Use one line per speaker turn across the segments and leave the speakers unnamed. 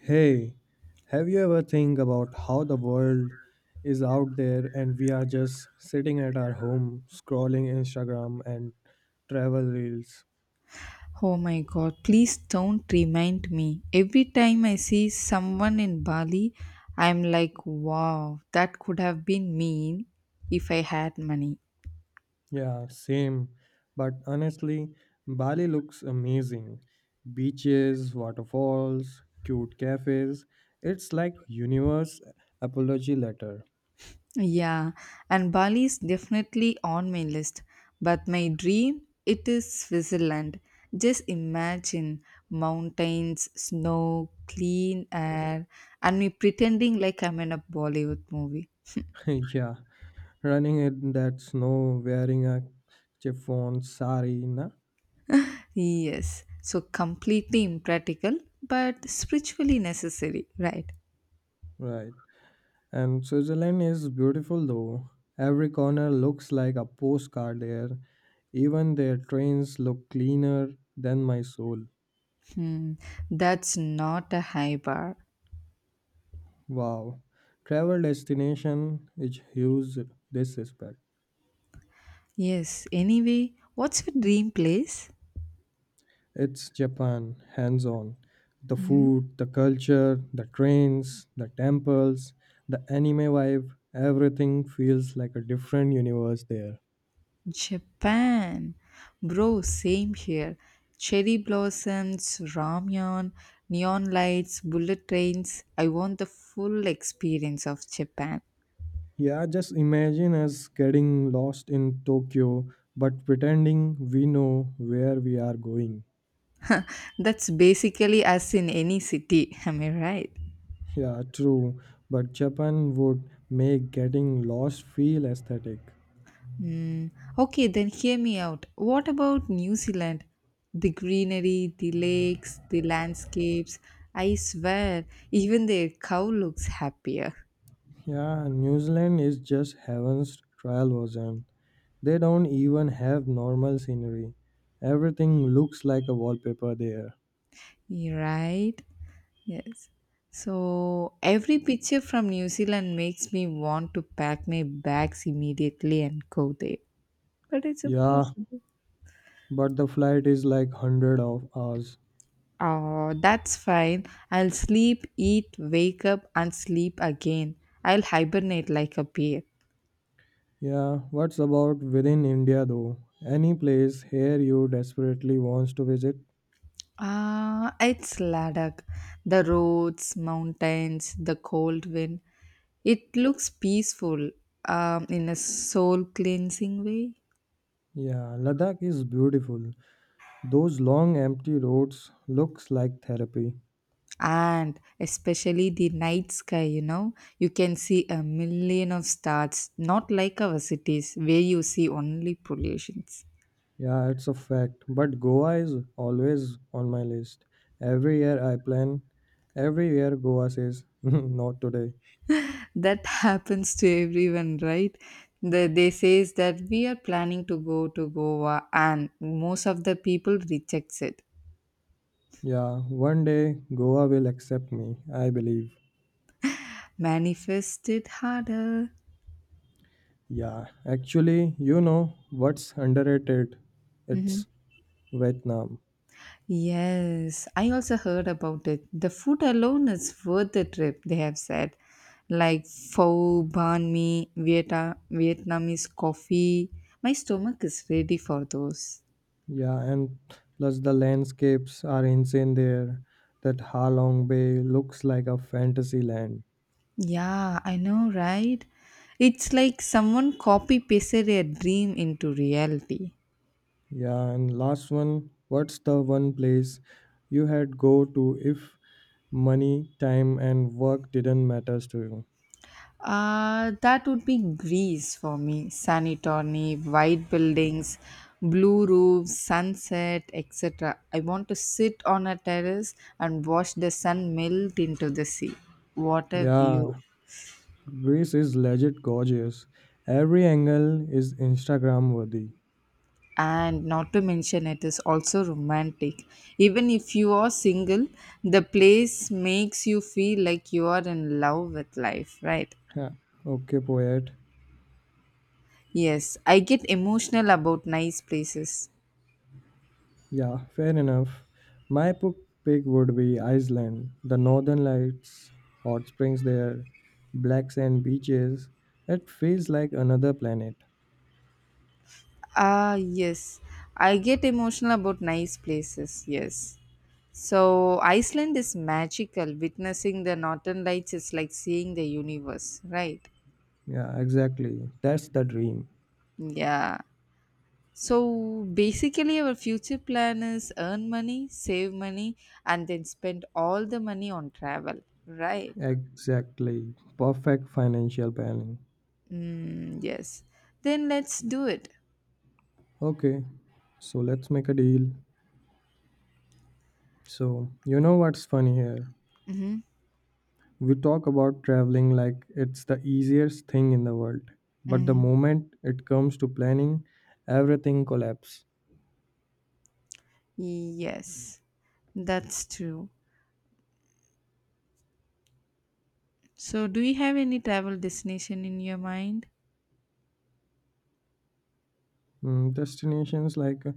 Hey, have you ever think about how the world is out there and we are just sitting at our home scrolling Instagram and travel reels?
Oh my god, please don't remind me. Every time I see someone in Bali, I'm like, wow, that could have been me if I had money.
Yeah, same. But honestly, Bali looks amazing. Beaches, waterfalls, cute cafes. It's like universe apology letter.
Yeah, and Bali is definitely on my list, but my dream it is Switzerland. Just imagine mountains, snow, clean air, and me pretending like I'm in a Bollywood movie.
Yeah, running in that snow wearing a chiffon sari, na?
Yes. So completely impractical, but spiritually necessary, right?
Right. And Switzerland is beautiful though. Every corner looks like a postcard there. Even their trains look cleaner than my soul.
Hmm. That's not a high bar.
Wow. Travel destination is huge this respect.
Yes. Anyway, what's your dream place?
It's Japan, hands on. The
Hmm?
food, the culture, the trains, the temples, the anime vibe, everything feels like a different universe there.
Japan. Bro, same here. Cherry blossoms, ramyun, neon lights, bullet trains. I want the full experience of Japan.
Yeah, just imagine us getting lost in Tokyo but pretending we know where we are going.
That's basically us in any city. Am I right?
Yeah, true, but Japan would make getting lost feel aesthetic.
Mm, okay, then hear me out. What about New Zealand? The greenery, the lakes, the landscapes. I swear, even their cow looks happier.
Yeah, New Zealand is just heaven's trial version. They don't even have normal scenery. Everything looks like a wallpaper there.
You're right? Yes. So every picture from New Zealand makes me want to pack my bags immediately and go there. But it's
Yeah,
impossible.
but the flight is like 100 of hours.
Oh, that's fine. I'll sleep, eat, wake up, and sleep again. I'll hibernate like a bear.
Yeah, what's about within India though? Any place here you desperately wants to visit?
Ah, it's Ladakh. The roads, mountains, the cold wind. It looks peaceful in a soul cleansing way.
Yeah, Ladakh is beautiful. Those long empty roads looks like therapy.
And especially the night sky, you can see a million of stars, not like our cities where you see only pollutions.
Yeah, it's a fact. But Goa is always on my list. Every year I plan. Every year Goa says, not today.
That happens to everyone, right? They says that we are planning to go to Goa and most of the people rejects it.
Yeah, one day Goa will accept me, I believe.
Manifest it harder.
Yeah, actually, you know what's underrated?
Hmm
It's Vietnam.
Yes, I also heard about it. The food alone is worth the trip, they have said. Like pho, banh mi, Vietnamese coffee. My stomach is ready for those.
Yeah, and plus the landscapes are insane there. That Halong Bay looks like a fantasy land.
Yeah, I know, right? It's like someone copy pasted a dream into reality.
Yeah, and last one, what's the one place you had go to if money, time, and work didn't matters to you?
That would be Greece for me. Sunny white buildings, blue roofs, sunset, etc. I want to sit on a terrace and watch the sun melt into the sea. What a view!
Yeah, Greece is legit gorgeous. Every angle is Instagram worthy.
And not to mention, it is also romantic. Even if you are single, the place makes you feel like you are in love with life, right?
Yeah. Okay, poet.
Yes, I get emotional about nice places.
Yeah, fair enough. My pick would be Iceland. The northern lights, hot springs there, black sand beaches. It feels like another planet.
Ah, yes. I get emotional about nice places, yes. So, Iceland is magical. Witnessing the northern lights is like seeing the universe, right?
Yeah, exactly. That's the dream.
Yeah. So, basically, our future plan is earn money, save money, and then spend all the money on travel, right?
Exactly. Perfect financial planning.
Mm, yes. Then let's do it.
Okay, so let's make a deal. So, you know what's funny here?
Mm-hmm.
We talk about traveling like it's the easiest thing in the world. But the
Mm-hmm.
moment it comes to planning, everything collapses.
Yes, that's true. So, do you have any travel destination in your mind?
Mm, destinations like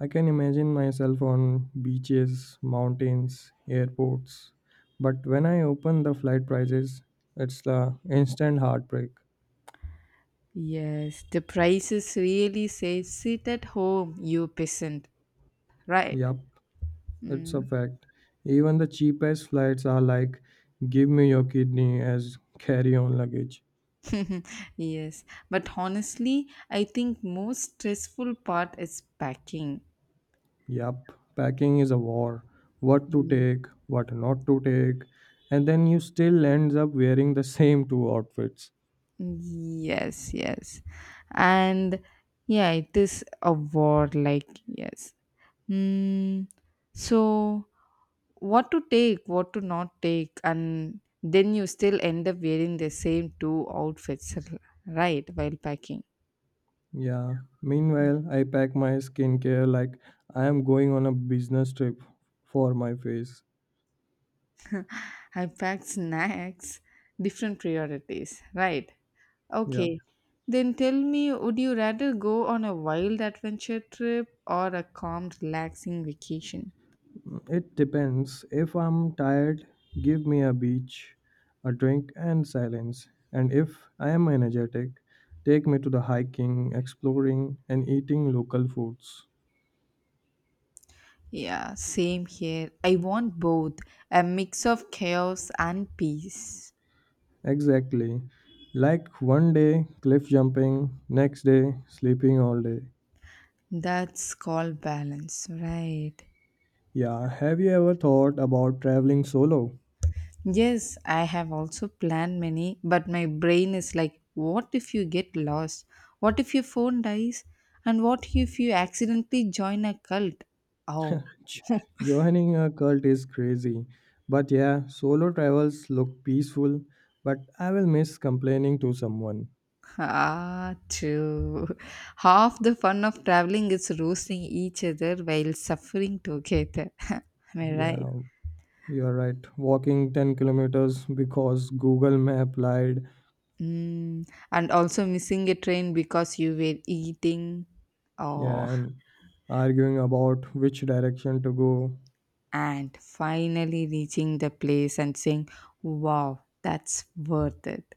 I can imagine myself on beaches, mountains, airports. But when I open the flight prices, it's the instant heartbreak.
Yes, the prices really say sit at home, you peasant, right?
Yup, it's
Mm.
a fact. Even the cheapest flights are like, give me your kidney as carry on luggage.
Yes, but honestly, I think most stressful part is packing.
Yup, packing is a war. What to
Mm.
take, what not to take, and then you still ends up wearing the same two outfits.
Yes, yes. And yeah, it is a war, like, yes. Mm, so, what to take, what to not take, and then you still end up wearing the same two outfits, right? While packing,
Yeah. Meanwhile, I pack my skincare like I am going on a business trip for my face.
I packed snacks, different priorities, right?
Yeah.
Okay, then tell me, would you rather go on a wild adventure trip or a calm, relaxing vacation?
It depends. If I'm tired, give me a beach, a drink, and silence. And if I am energetic, take me to the hiking, exploring, and eating local foods.
Yeah, same here. I want both a mix of chaos and peace.
Exactly. Like one day cliff jumping, next day sleeping all day.
That's called balance, right?
Yeah, have you ever thought about traveling solo?
Yes, I have also planned many, but my brain is like, what if you get lost? What if your phone dies? And what if you accidentally join a cult? Oh,
Ch- Joining a cult is crazy. But yeah, solo travels look peaceful, but I will miss complaining to someone.
ah, true. Half the fun of traveling is roasting each other while suffering together. Am I right?
Yeah, you're right. Walking 10 kilometers because Google Map lied.
Mm, and also missing a train because you were eating.
Yeah,
Oh,
and arguing about which direction to go.
and finally reaching the place and saying, wow, that's worth it.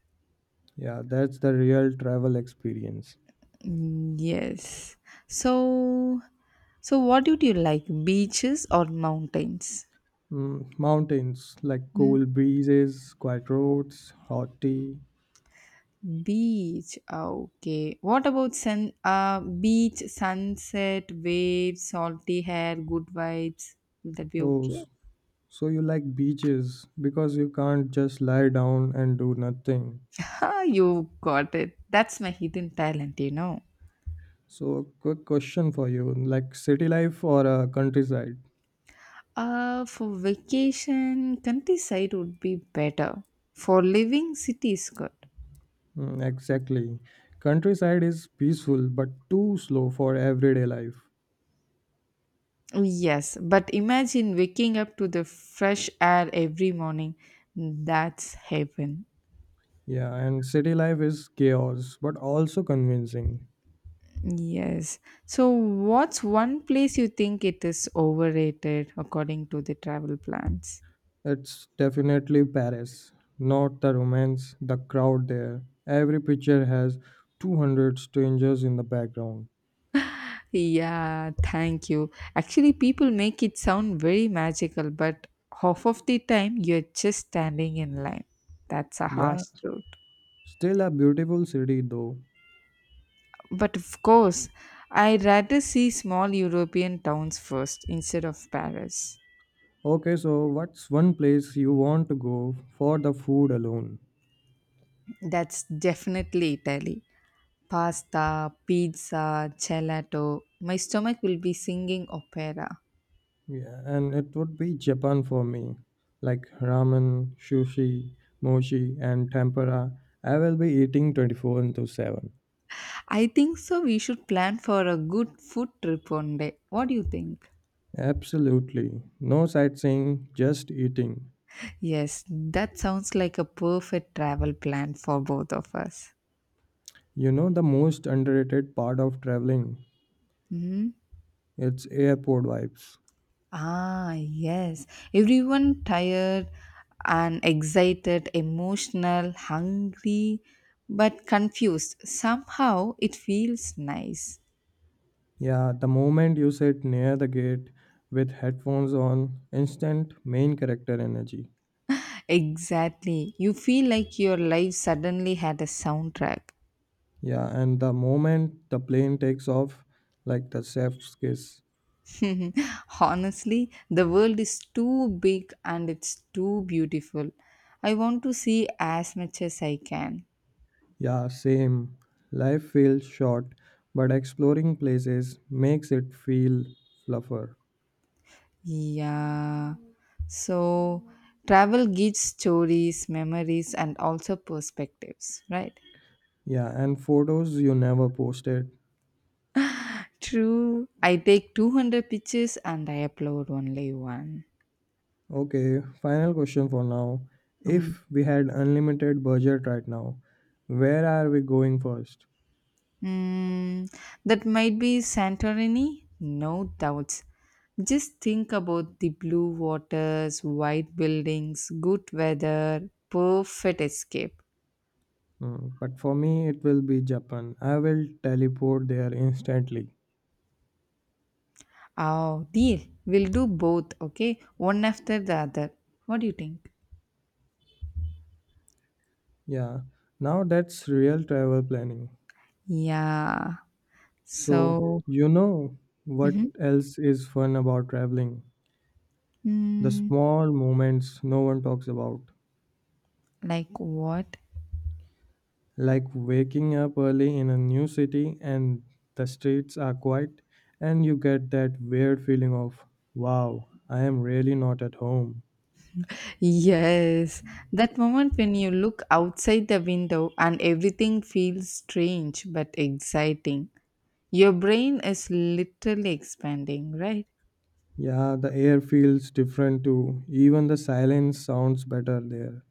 Yeah, that's the real travel experience.
Mm, yes. So, so what did you like, beaches or mountains?
Mm, mountains, like
Mm,
cool breezes, quiet roads, hot tea.
Beach. Okay. What about sun? Beach, sunset, waves, salty hair, good vibes. Will that be
Oh,
okay?
so you like beaches because you can't just lie down and do nothing.
Ha, you got it. That's my hidden talent, you know.
So a quick question for you, like city life or a countryside?
For vacation, countryside would be better. For living, city is good.
Mm, exactly. Countryside is peaceful but too slow for everyday life.
Oh, yes, but imagine waking up to the fresh air every morning. That's heaven.
Yeah, and city life is chaos but also convincing.
Yes. So, what's one place you think it is overrated according to the travel plans?
It's definitely Paris, not the romance, the crowd there. Every picture has 200 strangers in the background.
Yeah, thank you. Actually, people make it sound very magical, but half of the time you're just standing in line. That's a
Yeah,
harsh truth.
still a beautiful city though.
But of course, I'd rather see small European towns first instead of Paris.
Okay, so what's one place you want to go for the food alone?
That's definitely Italy. Pasta, pizza, gelato. My stomach will be singing opera.
Yeah, and it would be Japan for me. Like ramen, sushi, mochi, and tempura. I will be eating 24 into 7.
I think so. We should plan for a good food trip one day. What do you think?
Absolutely. No sightseeing, just eating.
Yes, that sounds like a perfect travel plan for both of us.
You know the most underrated part of traveling?
Mhm.
It's airport vibes.
Ah, yes. Everyone tired and excited, emotional, hungry, but confused. Somehow it feels nice.
Yeah, the moment you sit near the gate with headphones on, instant main character energy.
Exactly. You feel like your life suddenly had a soundtrack.
Yeah, and the moment the plane takes off, like the chef's kiss.
Honestly, the world is too big and it's too beautiful. I want to see as much as I can.
Yeah, same. Life feels short, but exploring places makes it feel fluffer.
Yeah. So travel gives stories, memories, and also perspectives, right?
Yeah, and photos you never posted.
True. I take 200 pictures and I upload only one.
Okay, final question for now.
Mm.
If we had unlimited budget right now, where are we going first?
Mm, that might be Santorini? No doubts. Just think about the blue waters, white buildings, good weather, perfect escape.
Hmm, but for me, it will be Japan. I will teleport there instantly.
Oh, deal. We'll do both, okay? One after the other. What do you think?
Yeah, now that's real travel planning.
Yeah.
So,
So,
you know what
Mhm.
else is fun about traveling? The
mm
small moments no one talks about,
like what?
like waking up early in a new city and the streets are quiet, and you get that weird feeling of, wow, I am really not at home.
Yes. That moment when you look outside the window and everything feels strange but exciting. Your brain is literally expanding, right?
Yeah, the air feels different too. Even the silence sounds better there.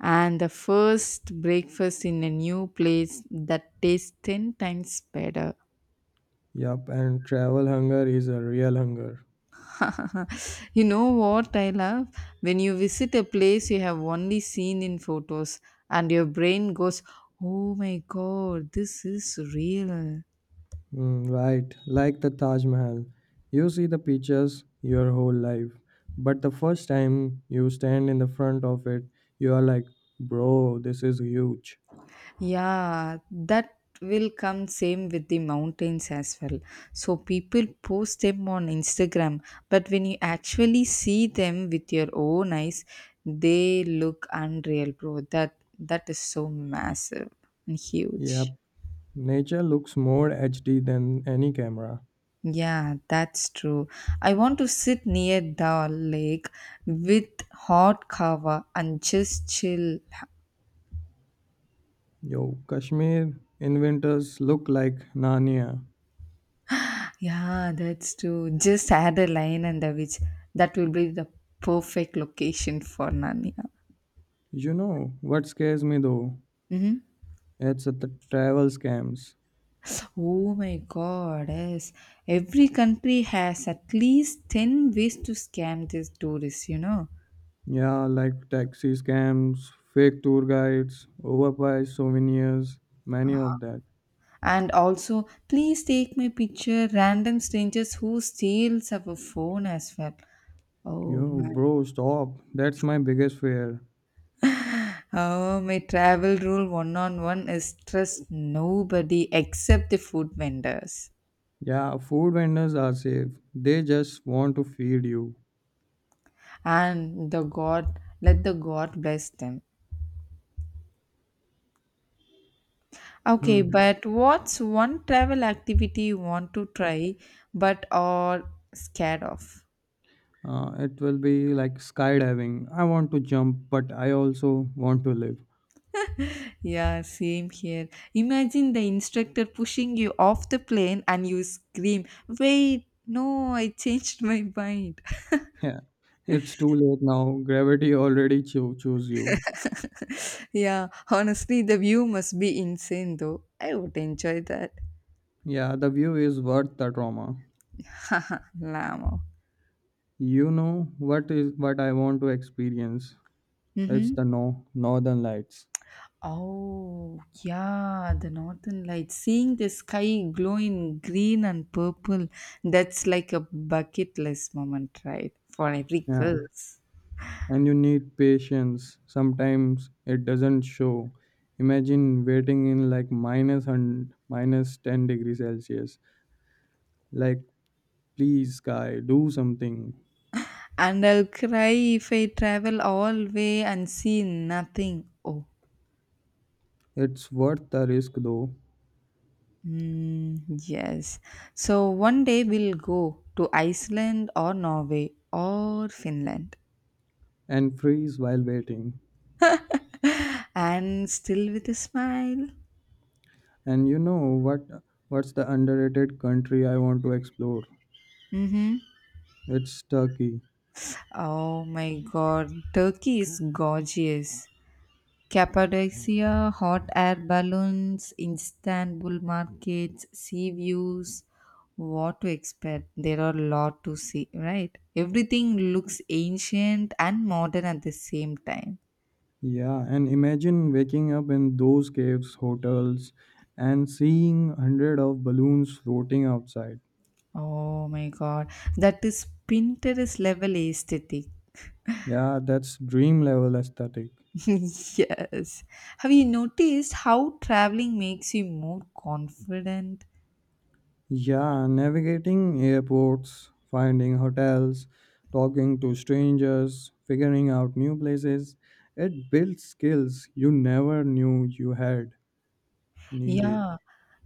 And the first breakfast in a new place that tastes 10 times better.
Yup, and travel hunger is a real hunger.
You know what I love? When you visit a place you have only seen in photos, and your brain goes, oh my god, this is real.
Mm, right, like the Taj Mahal. You see the pictures your whole life, but the first time you stand in the front of it, you are like, bro, this is huge.
Yeah, that will come same with the mountains as well. So people post them on Instagram, but when you actually see them with your own eyes, they look unreal, bro. That is so massive and huge.
Yep, nature looks more HD than any camera.
Yeah, that's true. I want to sit near the lake with hot kava and just chill.
Yo, Kashmir in winters look like Narnia.
Yeah, that's true. Just add a lion and a witch. That will be the perfect location for Narnia.
You know what scares me though?
Hmm
It's the travel scams.
Oh my god, yes. Every country has at least 10 ways to scam these tourists, you know.
Yeah, like taxi scams, fake tour guides, overpriced souvenirs, many of that.
And also, please take my picture, random strangers who steals our phone as well. Oh
Yo,
man.
bro, stop. That's my biggest fear.
Oh, my travel rule one on one is trust nobody except the food vendors
Yeah, food vendors are safe. They just want to feed you.
and the God, let the God bless them. Okay,
Hmm.
but what's one travel activity you want to try but are scared of?
It will be like skydiving. I want to jump, but I also want to live.
Yeah, same here. Imagine the instructor pushing you off the plane and you scream, wait, no, I changed my mind.
Yeah, it's too late now. Gravity already chose you.
Yeah, honestly, the view must be insane though. I would enjoy that.
Yeah, the view is worth the trauma.
Lamo.
You know what is what I want to experience. It's
Mhm.
the no northern lights.
Oh, yeah, the northern lights. Seeing the sky glow in green and purple, that's like a bucket list moment, right? For every
Yeah,
girls.
and you need patience. Sometimes it doesn't show. Imagine waiting in like minus 100, minus 10 degrees Celsius. Like, please, sky, do something.
And I'll cry if I travel all way and see nothing. Oh,
It's worth the risk though,
mm, yes. So one day we'll go to Iceland or Norway or Finland,
and freeze while waiting.
and still with a smile.
And you know what? What's the underrated country I want to explore?
Mm-hmm.
It's Turkey.
Oh my god, Turkey is gorgeous. Cappadocia, hot air balloons, Istanbul markets, sea views. What to expect? There are a lot to see, right? Everything looks ancient and modern at the same time.
Yeah, and imagine waking up in those caves, hotels, and seeing hundred of balloons floating outside.
Oh my god, that is Pinterest level aesthetic.
Yeah, that's dream level aesthetic.
Yes. Have you noticed how traveling makes you more confident?
Yeah, navigating airports, finding hotels, talking to strangers, figuring out new places. It builds skills you never knew you had needed.
Yeah,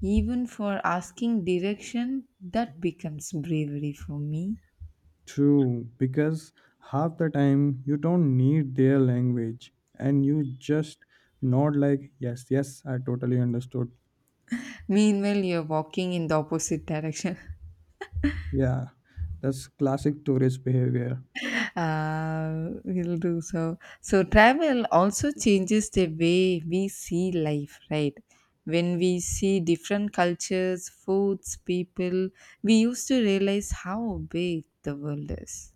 even for asking direction, that becomes bravery for me.
True, because half the time you don't need their language and you just nod like, yes, yes, I totally understood.
Meanwhile, you're walking in the opposite direction.
Yeah, that's classic tourist behavior.
We'll do so. So, travel also changes the way we see life, right? When we see different cultures, foods, people, we used to realize how big the world is.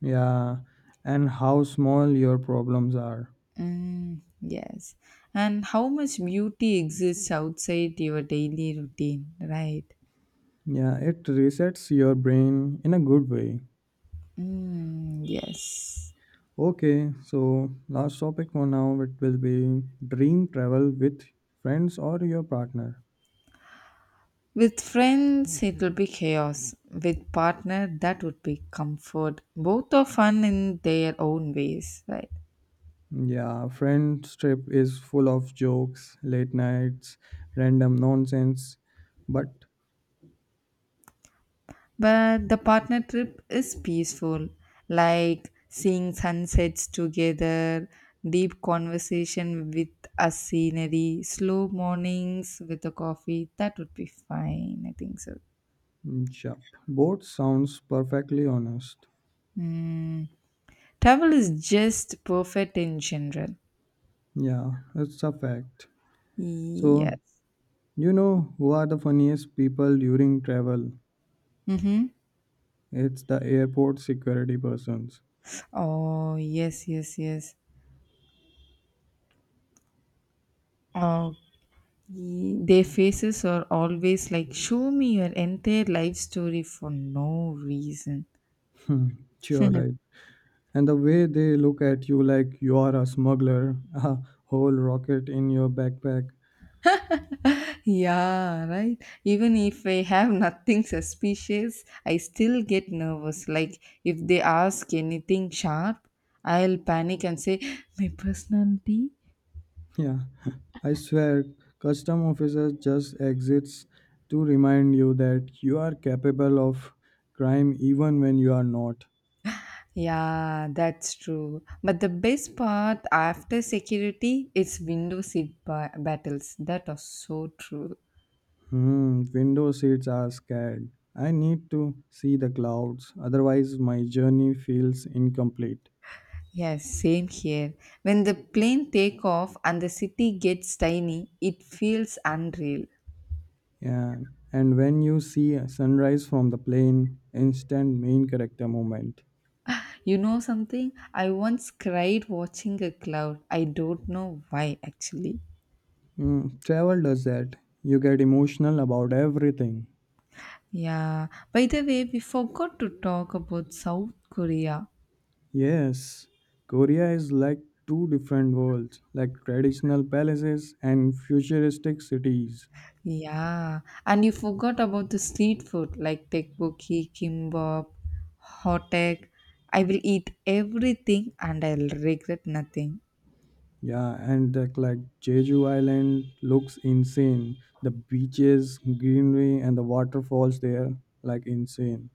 Yeah, and how small your problems are.
Mm, yes. And how much beauty exists outside your daily routine, right?
Yeah, it resets your brain in a good way.
Mm, yes.
Okay, so last topic for now it will be dream travel with friends or your partner.
With friends, it will be chaos. With partner, that would be comfort. Both are fun in their own ways, right?
Yeah, friends trip is full of jokes, late nights, random nonsense, but
But the partner trip is peaceful, like seeing sunsets together, deep conversation with a scenery, slow mornings with a coffee. That would be fine. I think so.
mm, yup, both sounds perfectly honest.
Travel is just perfect in general.
Yeah, it's a fact. So,
Yes.
you know who are the funniest people during travel?
Mhm.
It's the airport security persons.
Oh, yes, yes, yes. Oh, their faces are always like, show me your entire life story for no reason.
Hmm, sure, right. And the way they look at you like you are a smuggler, a whole rocket in your backpack.
Yeah, right. Even if I have nothing suspicious, I still get nervous. Like, if they ask anything sharp, I'll panic and say, my personality.
Yeah, I swear, custom officers just exits to remind you that you are capable of crime even when you are not.
Yeah, that's true. But the best part after security, it's window seat battles. That are so true.
Hmm, window seats are scared. I need to see the clouds, otherwise my journey feels incomplete.
Yes, same here. When the plane take off and the city gets tiny, it feels unreal.
Yeah, and when you see a sunrise from the plane, instant main character moment.
You know something? I once cried watching a cloud. I don't know why actually.
Mm, travel does that. You get emotional about everything.
Yeah. By the way, we forgot to talk about South Korea.
Yes, Korea is like two different worlds, like traditional palaces and futuristic cities.
Yeah. And you forgot about the street food like tteokbokki, kimbap, hot egg. I will eat everything and I'll regret nothing.
Yeah, and that like Jeju Island looks insane. The beaches, greenery, and the waterfalls there like insane.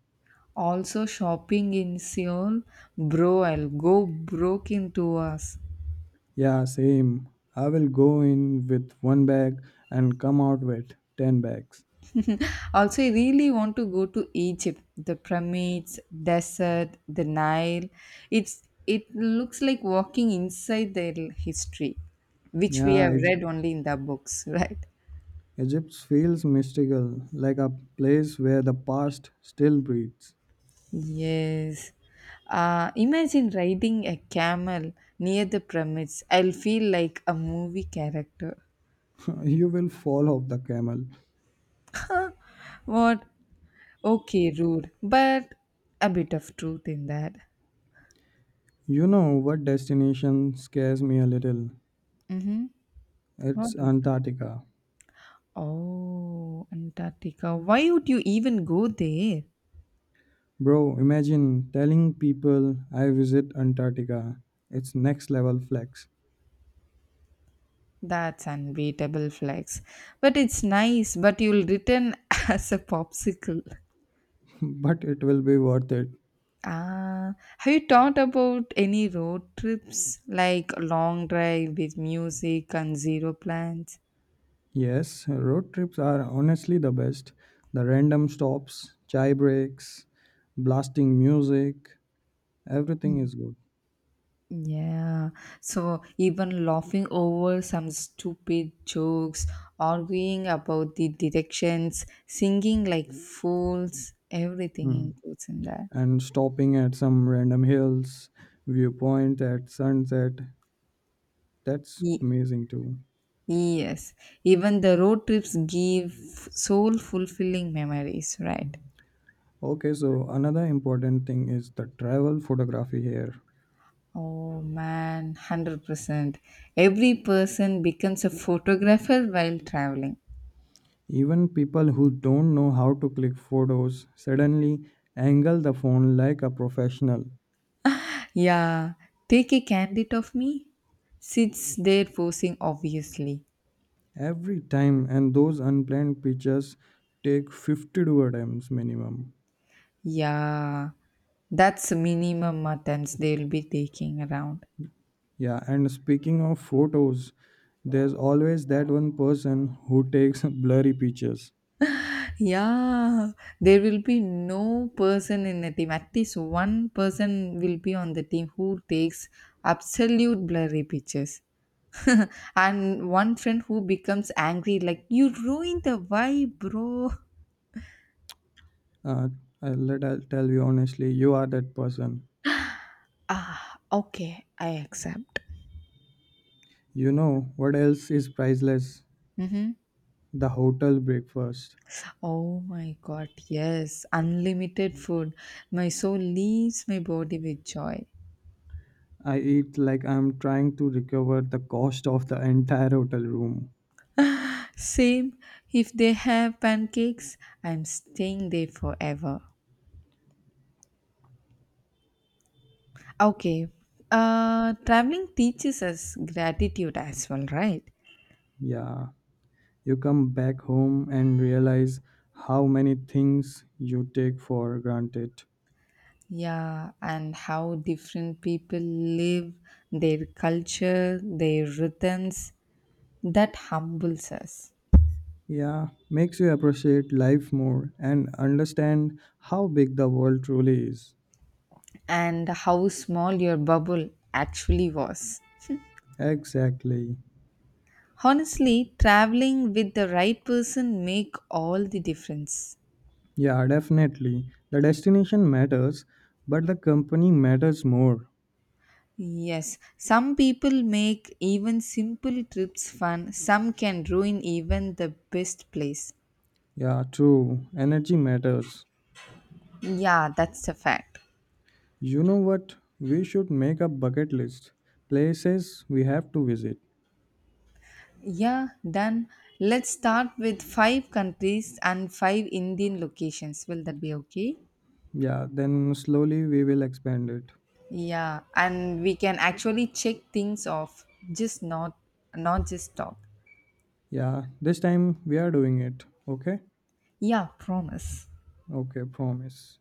Also shopping in Seoul, bro, I'll go broke in 2 hours.
Yeah, same. I will go in with one bag and come out with 10 bags.
Also, I really want to go to Egypt, the pyramids, desert, the Nile. It's it looks like walking inside their history, which we
Yeah,
have read only in the books, right?
Egypt feels mystical, like a place where the past still breathes.
Yes. Imagine riding a camel near the pyramids. I'll feel like a movie character.
You will fall off the camel.
What? Okay, rude, but a bit of truth in that.
You know what destination scares me a little?
Hmm What
It's
would
Antarctica.
oh, Antarctica. Why would you even go there?
Bro, imagine telling people I visit Antarctica. It's next level flex,
That's unbeatable flex. But it's nice, but you'll return as a popsicle.
but it will be worth it.
Ah, have you thought about any road trips like a long drive with music and zero plans?
Yes, road trips are honestly the best. The random stops, chai breaks, blasting music, everything is good.
Yeah, so even laughing over some stupid jokes, arguing about the directions, singing like fools, everything
Hmm.
includes in that.
And stopping at some random hills, viewpoint at sunset, that's
Ye-
amazing too.
yes, even the road trips give soul fulfilling memories, right?
Okay, so another important thing is the travel photography here.
Oh man, 100%. Every person becomes a photographer while traveling.
Even people who don't know how to click photos suddenly angle the phone like a professional.
Yeah, take a candid of me. Sits there posing obviously.
Every time, and those unplanned pictures take 50 to attempts minimum.
Yeah, that's minimum attempts they'll be taking around.
Yeah, and speaking of photos, there's always that one person who takes blurry pictures.
Yeah, there will be no person in the team. At least one person will be on the team who takes absolute blurry pictures. And one friend who becomes angry, like, you ruined the vibe, bro.
uh, Let I tell you honestly, you are that person.
Ah, okay, I accept.
You know what else is priceless?
Mm-hmm.
The hotel breakfast.
Oh my god, yes, unlimited food. My soul leaves my body with joy.
I eat like I'm trying to recover the cost of the entire hotel room.
Same. If they have pancakes, I'm staying there forever. Okay. Traveling teaches us gratitude as well, right?
Yeah. You come back home and realize how many things you take for granted.
Yeah, and how different people live, their culture, their rhythms, that humbles us.
Yeah, makes you appreciate life more and understand how big the world truly is.
And how small your bubble actually was.
Exactly.
Honestly, traveling with the right person make all the difference.
Yeah, definitely. The destination matters, but the company matters more.
Yes, some people make even simple trips fun, some can ruin even the best place.
Yeah, true. Energy matters.
Yeah, that's a fact.
You know what? We should make a bucket list. Places we have to visit.
Yeah, done. Let's start with five countries and five Indian locations. Will that be okay?
Yeah, then slowly we will expand it.
Yeah, and we can actually check things off, just not not just talk.
Yeah, this time we are doing it. Okay?
Yeah, promise.
Okay, promise.